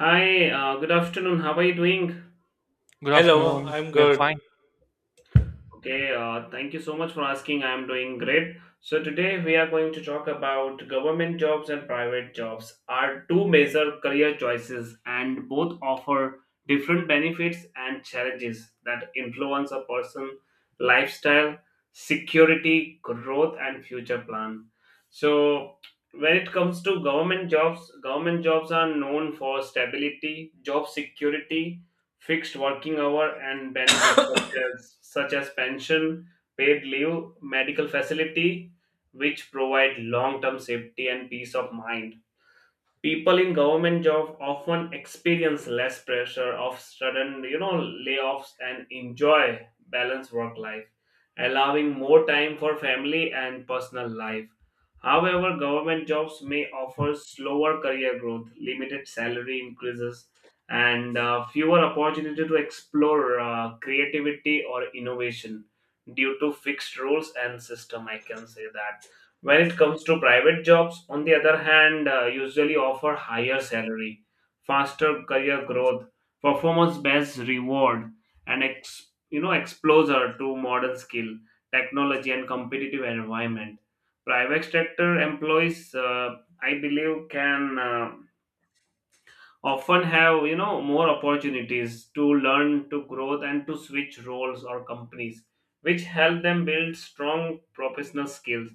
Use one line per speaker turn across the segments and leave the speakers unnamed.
Hi, good afternoon. How are you doing?
Good
Hello,
afternoon.
I'm
We are
good.
fine.
Okay, thank you so much for asking. I am doing great. So, today we are going to talk about government jobs and private jobs are two major career choices, and both offer different benefits and challenges that influence a person's lifestyle, security, growth, and future plan. So, when it comes to government jobs are known for stability, job security, fixed working hour and benefits such as pension, paid leave, medical facility, which provide long-term safety and peace of mind. People in government jobs often experience less pressure of sudden layoffs and enjoy balanced work life, allowing more time for family and personal life. However, government jobs may offer slower career growth, limited salary increases, and fewer opportunity to explore creativity or innovation due to fixed rules and system, I can say that. When it comes to private jobs, on the other hand, usually offer higher salary, faster career growth, performance-based reward, and exposure to modern skill, technology, and competitive environment. Private sector employees, I believe, can often have more opportunities to learn, to grow, and to switch roles or companies, which help them build strong professional skills.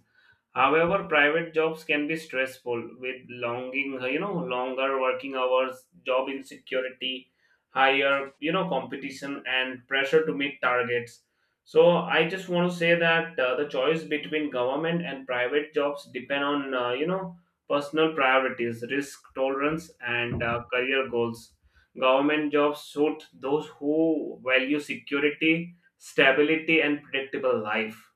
However, private jobs can be stressful with longer working hours, job insecurity, higher competition and pressure to meet targets. So I just want to say that the choice between government and private jobs depend on, personal priorities, risk tolerance, and career goals. Government jobs suit those who value security, stability, and predictable life,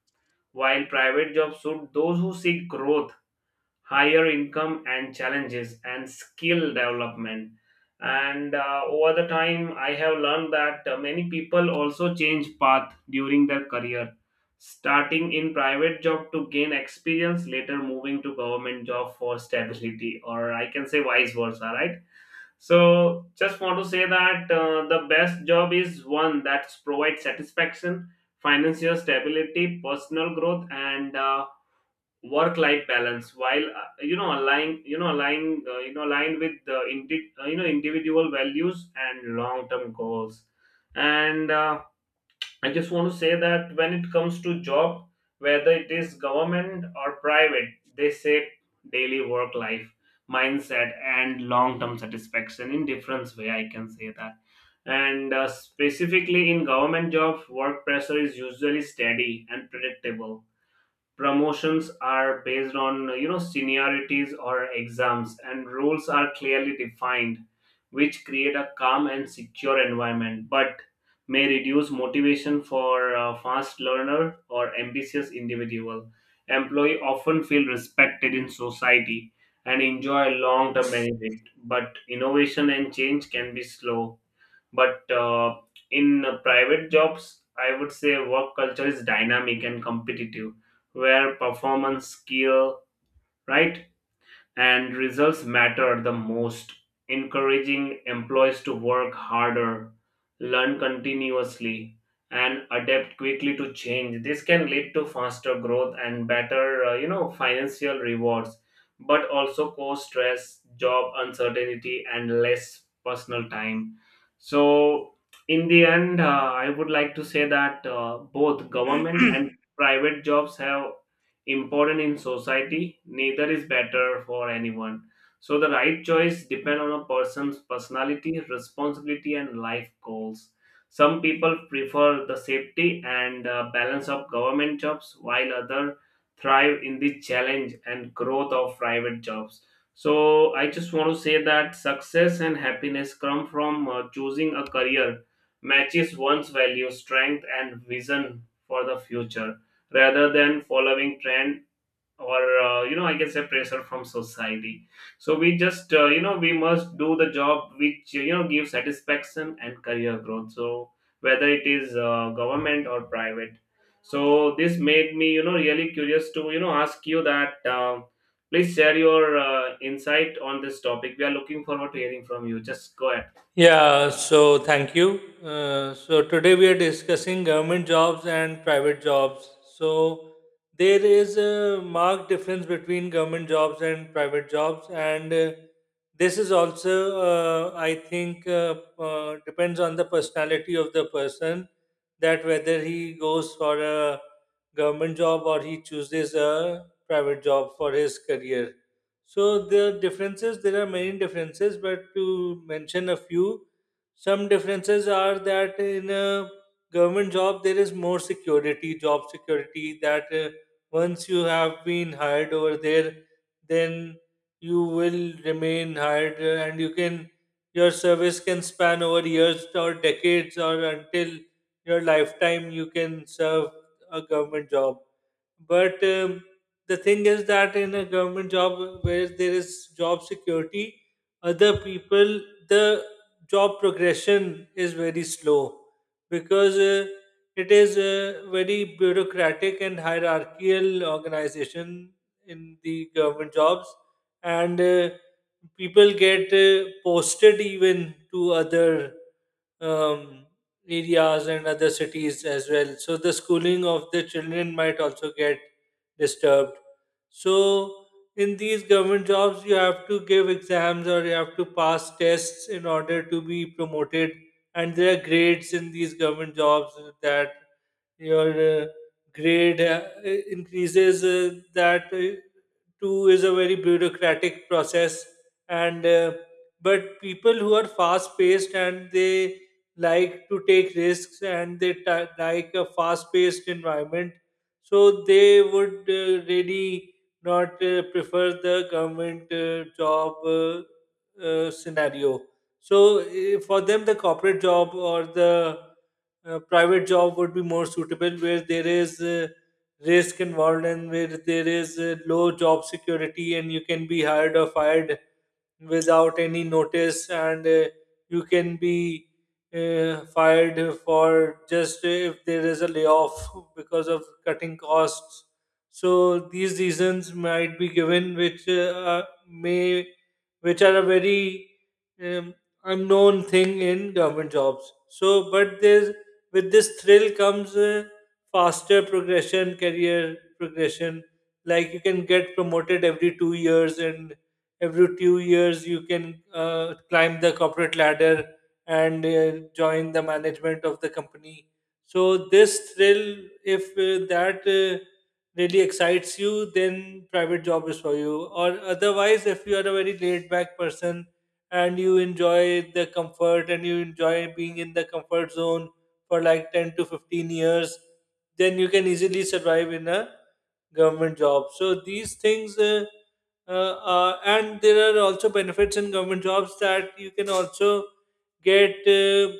while private jobs suit those who seek growth, higher income, and challenges and skill development. And over the time, I have learned that many people also change path during their career, starting in private job to gain experience, later moving to government job for stability, or I can say vice versa, right? So, just want to say that the best job is one that provides satisfaction, financial stability, personal growth, and work-life balance. While you know align, you know align, you know aligned with the individual values and long-term goals. And I just want to say that when it comes to job, whether it is government or private, they say daily work life, mindset, and long term satisfaction in different way. I can say that. And specifically in government jobs, work pressure is usually steady and predictable. Promotions are based on seniorities or exams, and roles are clearly defined, which create a calm and secure environment, but may reduce motivation for a fast learner or ambitious individual. Employee often feel respected in society and enjoy long term benefit, but innovation and change can be slow. But in private jobs, I would say work culture is dynamic and competitive, where performance, skill, right? And results matter the most, encouraging employees to work harder, learn continuously, and adapt quickly to change. This can lead to faster growth and better, financial rewards, but also cause stress, job uncertainty, and less personal time. So, in the end, I would like to say that both government and private jobs have important in society. Neither is better for anyone, so the right choice depend on a person's personality, responsibility, and life goals. Some people prefer the safety and balance of government jobs, while other thrive in the challenge and growth of private jobs. So I just want to say that success and happiness come from choosing a career matches one's value, strength, and vision for the future, rather than following trend or I can say pressure from society. So we just we must do the job which gives satisfaction and career growth. So whether it is government or private, so this made me really curious to ask you that, please share your insight on this topic. We are looking forward to hearing from you. Just go ahead.
Yeah, so thank you. So today we are discussing government jobs and private jobs. So there is a marked difference between government jobs and private jobs, and this is also, I think, depends on the personality of the person, that whether he goes for a government job or he chooses a private job for his career. So the differences, there are many differences, but to mention a few, some differences are that in a government job there is more security, job security. That once you have been hired over there, then you will remain hired, and your service can span over years or decades or until your lifetime. You can serve a government job, but the thing is that in a government job where there is job security, other people the job progression is very slow because it is a very bureaucratic and hierarchical organization in the government jobs. And people get posted even to other um, areas and other cities as well. So the schooling of the children might also get disturbed. So in these government jobs, you have to give exams or you have to pass tests in order to be promoted. And there are grades in these government jobs that your grade increases. That too is a very bureaucratic process, and but people who are fast paced and they like to take risks and they ti like a fast-paced environment. So they would really not prefer the government job scenario. So for them, the corporate job or the private job would be more suitable, where there is risk involved and where there is low job security, and you can be hired or fired without any notice, and you can be fired for just if there is a layoff because of cutting costs. So these reasons might be given, which are a very um, unknown thing in government jobs. So, but there's with this thrill comes faster progression, career progression. Like you can get promoted every 2 years, and every 2 years you can climb the corporate ladder and join the management of the company. So this thrill, if that really excites you, then private job is for you. Or otherwise, if you are a very laid back person and you enjoy the comfort and you enjoy being in the comfort zone for like 10 to 15 years, then you can easily survive in a government job. So these things, uh, and there are also benefits in government jobs, that you can also get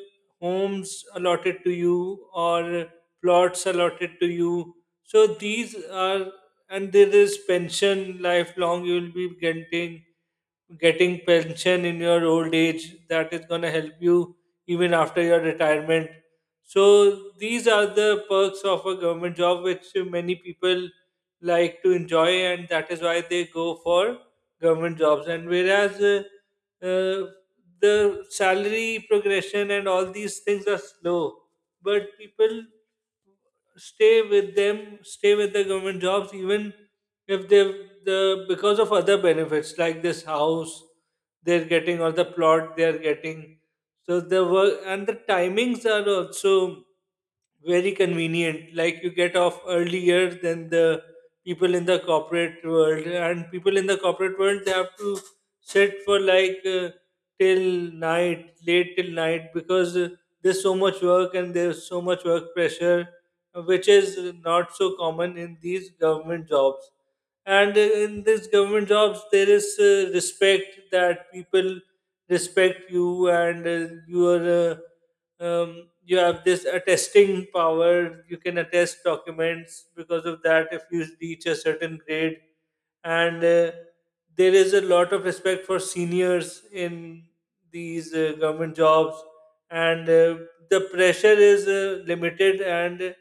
homes allotted to you or plots allotted to you. So these are, and there is pension lifelong. You will be getting pension in your old age that is going to help you even after your retirement. So these are the perks of a government job, which many people like to enjoy, and that is why they go for government jobs. And whereas uh, the salary progression and all these things are slow, but people stay with the government jobs even if they the because of other benefits like this house they're getting or the plot they're getting. So the work and the timings are also very convenient. Like you get off earlier than the people in the corporate world, and people in the corporate world, they have to sit for like till night, late till night, because there's so much work and there's so much work pressure, which is not so common in these government jobs. And in these government jobs there is respect, that people respect you, and you have this attesting power. You can attest documents because of that, if you reach a certain grade. And there is a lot of respect for seniors in these government jobs. And the pressure is limited, and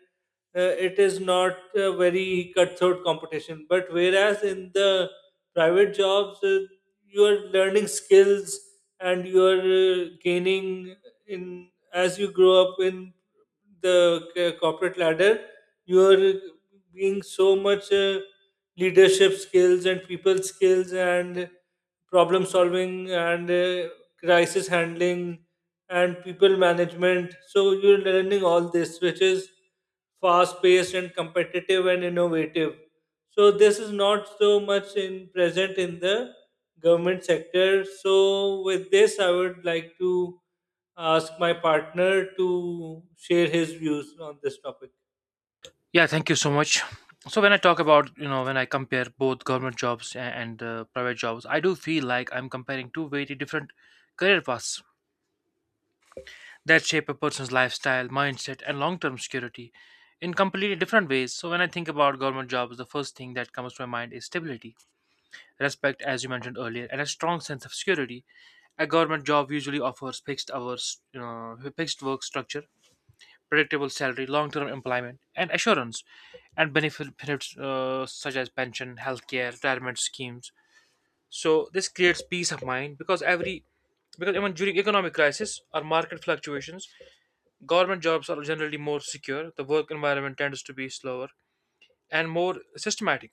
it is not a very cutthroat competition. But whereas in the private jobs, you are learning skills. And you are gaining in as you grow up in the corporate ladder. You are being so much leadership skills and people skills and problem solving and crisis handling and people management. So you're learning all this, which is fast paced and competitive and innovative. So this is not so much in present in the government sector. So with this, I would like to ask my partner to share his views on this topic.
Yeah, thank you so much. So when I talk about, you know, when I compare both government jobs a- and private jobs, I do feel like I'm comparing two very different career paths that shape a person's lifestyle, mindset, and long-term security in completely different ways. So when I think about government jobs, the first thing that comes to my mind is stability, respect, as you mentioned earlier, and a strong sense of security. A government job usually offers fixed hours, you know, fixed work structure, predictable salary, long-term employment, and assurance, and benefits such as pension, healthcare, retirement schemes. So this creates peace of mind because every because even during economic crisis or market fluctuations, government jobs are generally more secure. The work environment tends to be slower and more systematic,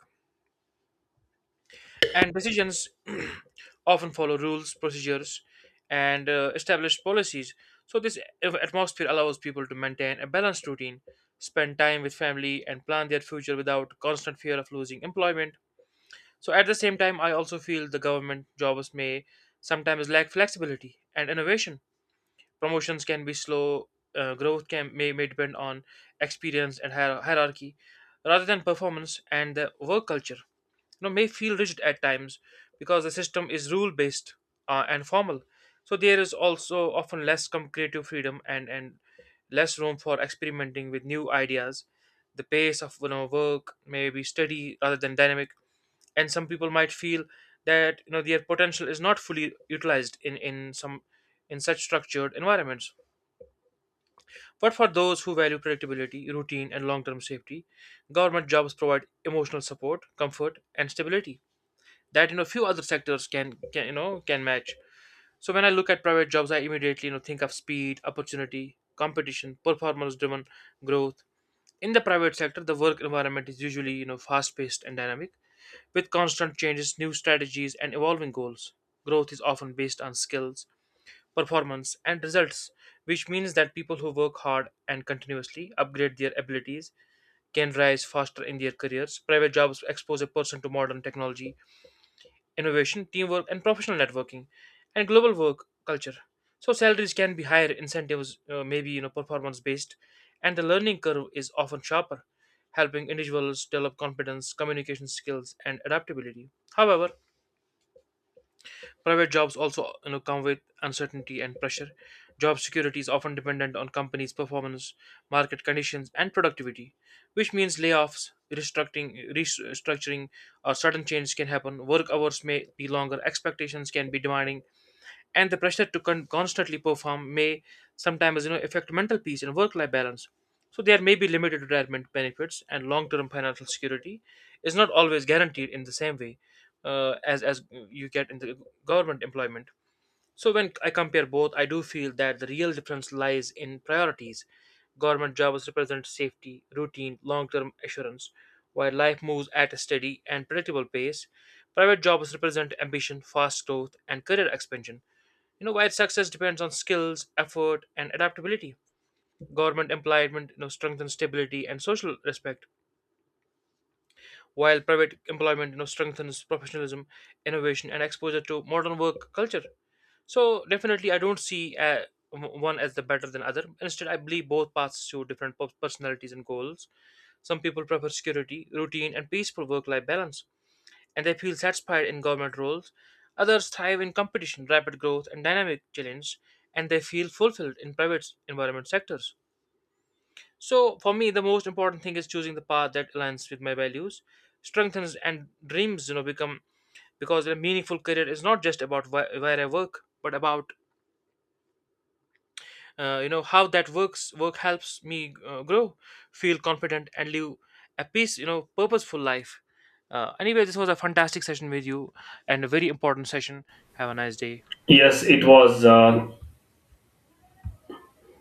and decisions often follow rules, procedures, and established policies. So this atmosphere allows people to maintain a balanced routine, spend time with family, and plan their future without constant fear of losing employment. So, at the same time, I also feel the government jobs may sometimes lack flexibility and innovation. Promotions can be slow, growth may depend on experience and hierarchy rather than performance, and the work culture, you know, may feel rigid at times because the system is rule based, and formal. So there is also often less creative freedom, and less room for experimenting with new ideas. The pace of, you know, work may be steady rather than dynamic, and some people might feel that, you know, their potential is not fully utilized in such structured environments. But for those who value predictability, routine, and long-term safety, government jobs provide emotional support, comfort, and stability that, you know, few other sectors can you know can match. So when I look at private jobs, I immediately, you know, think of speed, opportunity, competition, performance driven growth. In the private sector, the work environment is usually, you know, fast paced and dynamic, with constant changes, new strategies, and evolving goals. Growth is often based on skills, performance, and results, which means that people who work hard and continuously upgrade their abilities can rise faster in their careers. Private jobs expose a person to modern technology, innovation, teamwork, and professional networking, and global work culture. So salaries can be higher, incentives maybe, you know, performance based, and the learning curve is often sharper, helping individuals develop confidence, communication skills, and adaptability. However, private jobs also, you know, come with uncertainty and pressure. Job security is often dependent on companies' performance, market conditions, and productivity, which means layoffs, restructuring, or sudden changes can happen. Work hours may be longer, expectations can be demanding, and the pressure to constantly perform may sometimes, you know, affect mental peace and work-life balance. So there may be limited retirement benefits, and long-term financial security is not always guaranteed in the same way, as you get in the government employment. So when I compare both, I do feel that the real difference lies in priorities. Government jobs represent safety, routine, long-term assurance, while life moves at a steady and predictable pace. Private jobs represent ambition, fast growth, and career expansion, you know, while success depends on skills, effort, and adaptability. Government employment, you know, strengthens stability and social respect, while private employment, you know, strengthens professionalism, innovation, and exposure to modern work culture. So definitely, I don't see one as the better than other. Instead, I believe both paths suit different personalities and goals. Some people prefer security, routine, and peaceful work-life balance, and they feel satisfied in government roles. Others thrive in competition, rapid growth, and dynamic challenge, and they feel fulfilled in private environment sectors. So, for me, the most important thing is choosing the path that aligns with my values, strengthens, and dreams. You know, become because a meaningful career is not just about where I work, but about you know, how that work helps me grow, feel confident, and live a peace, you know, purposeful life. Uh, anyway, this was a fantastic session with you and a very important session. Have a nice day.
Yes, it was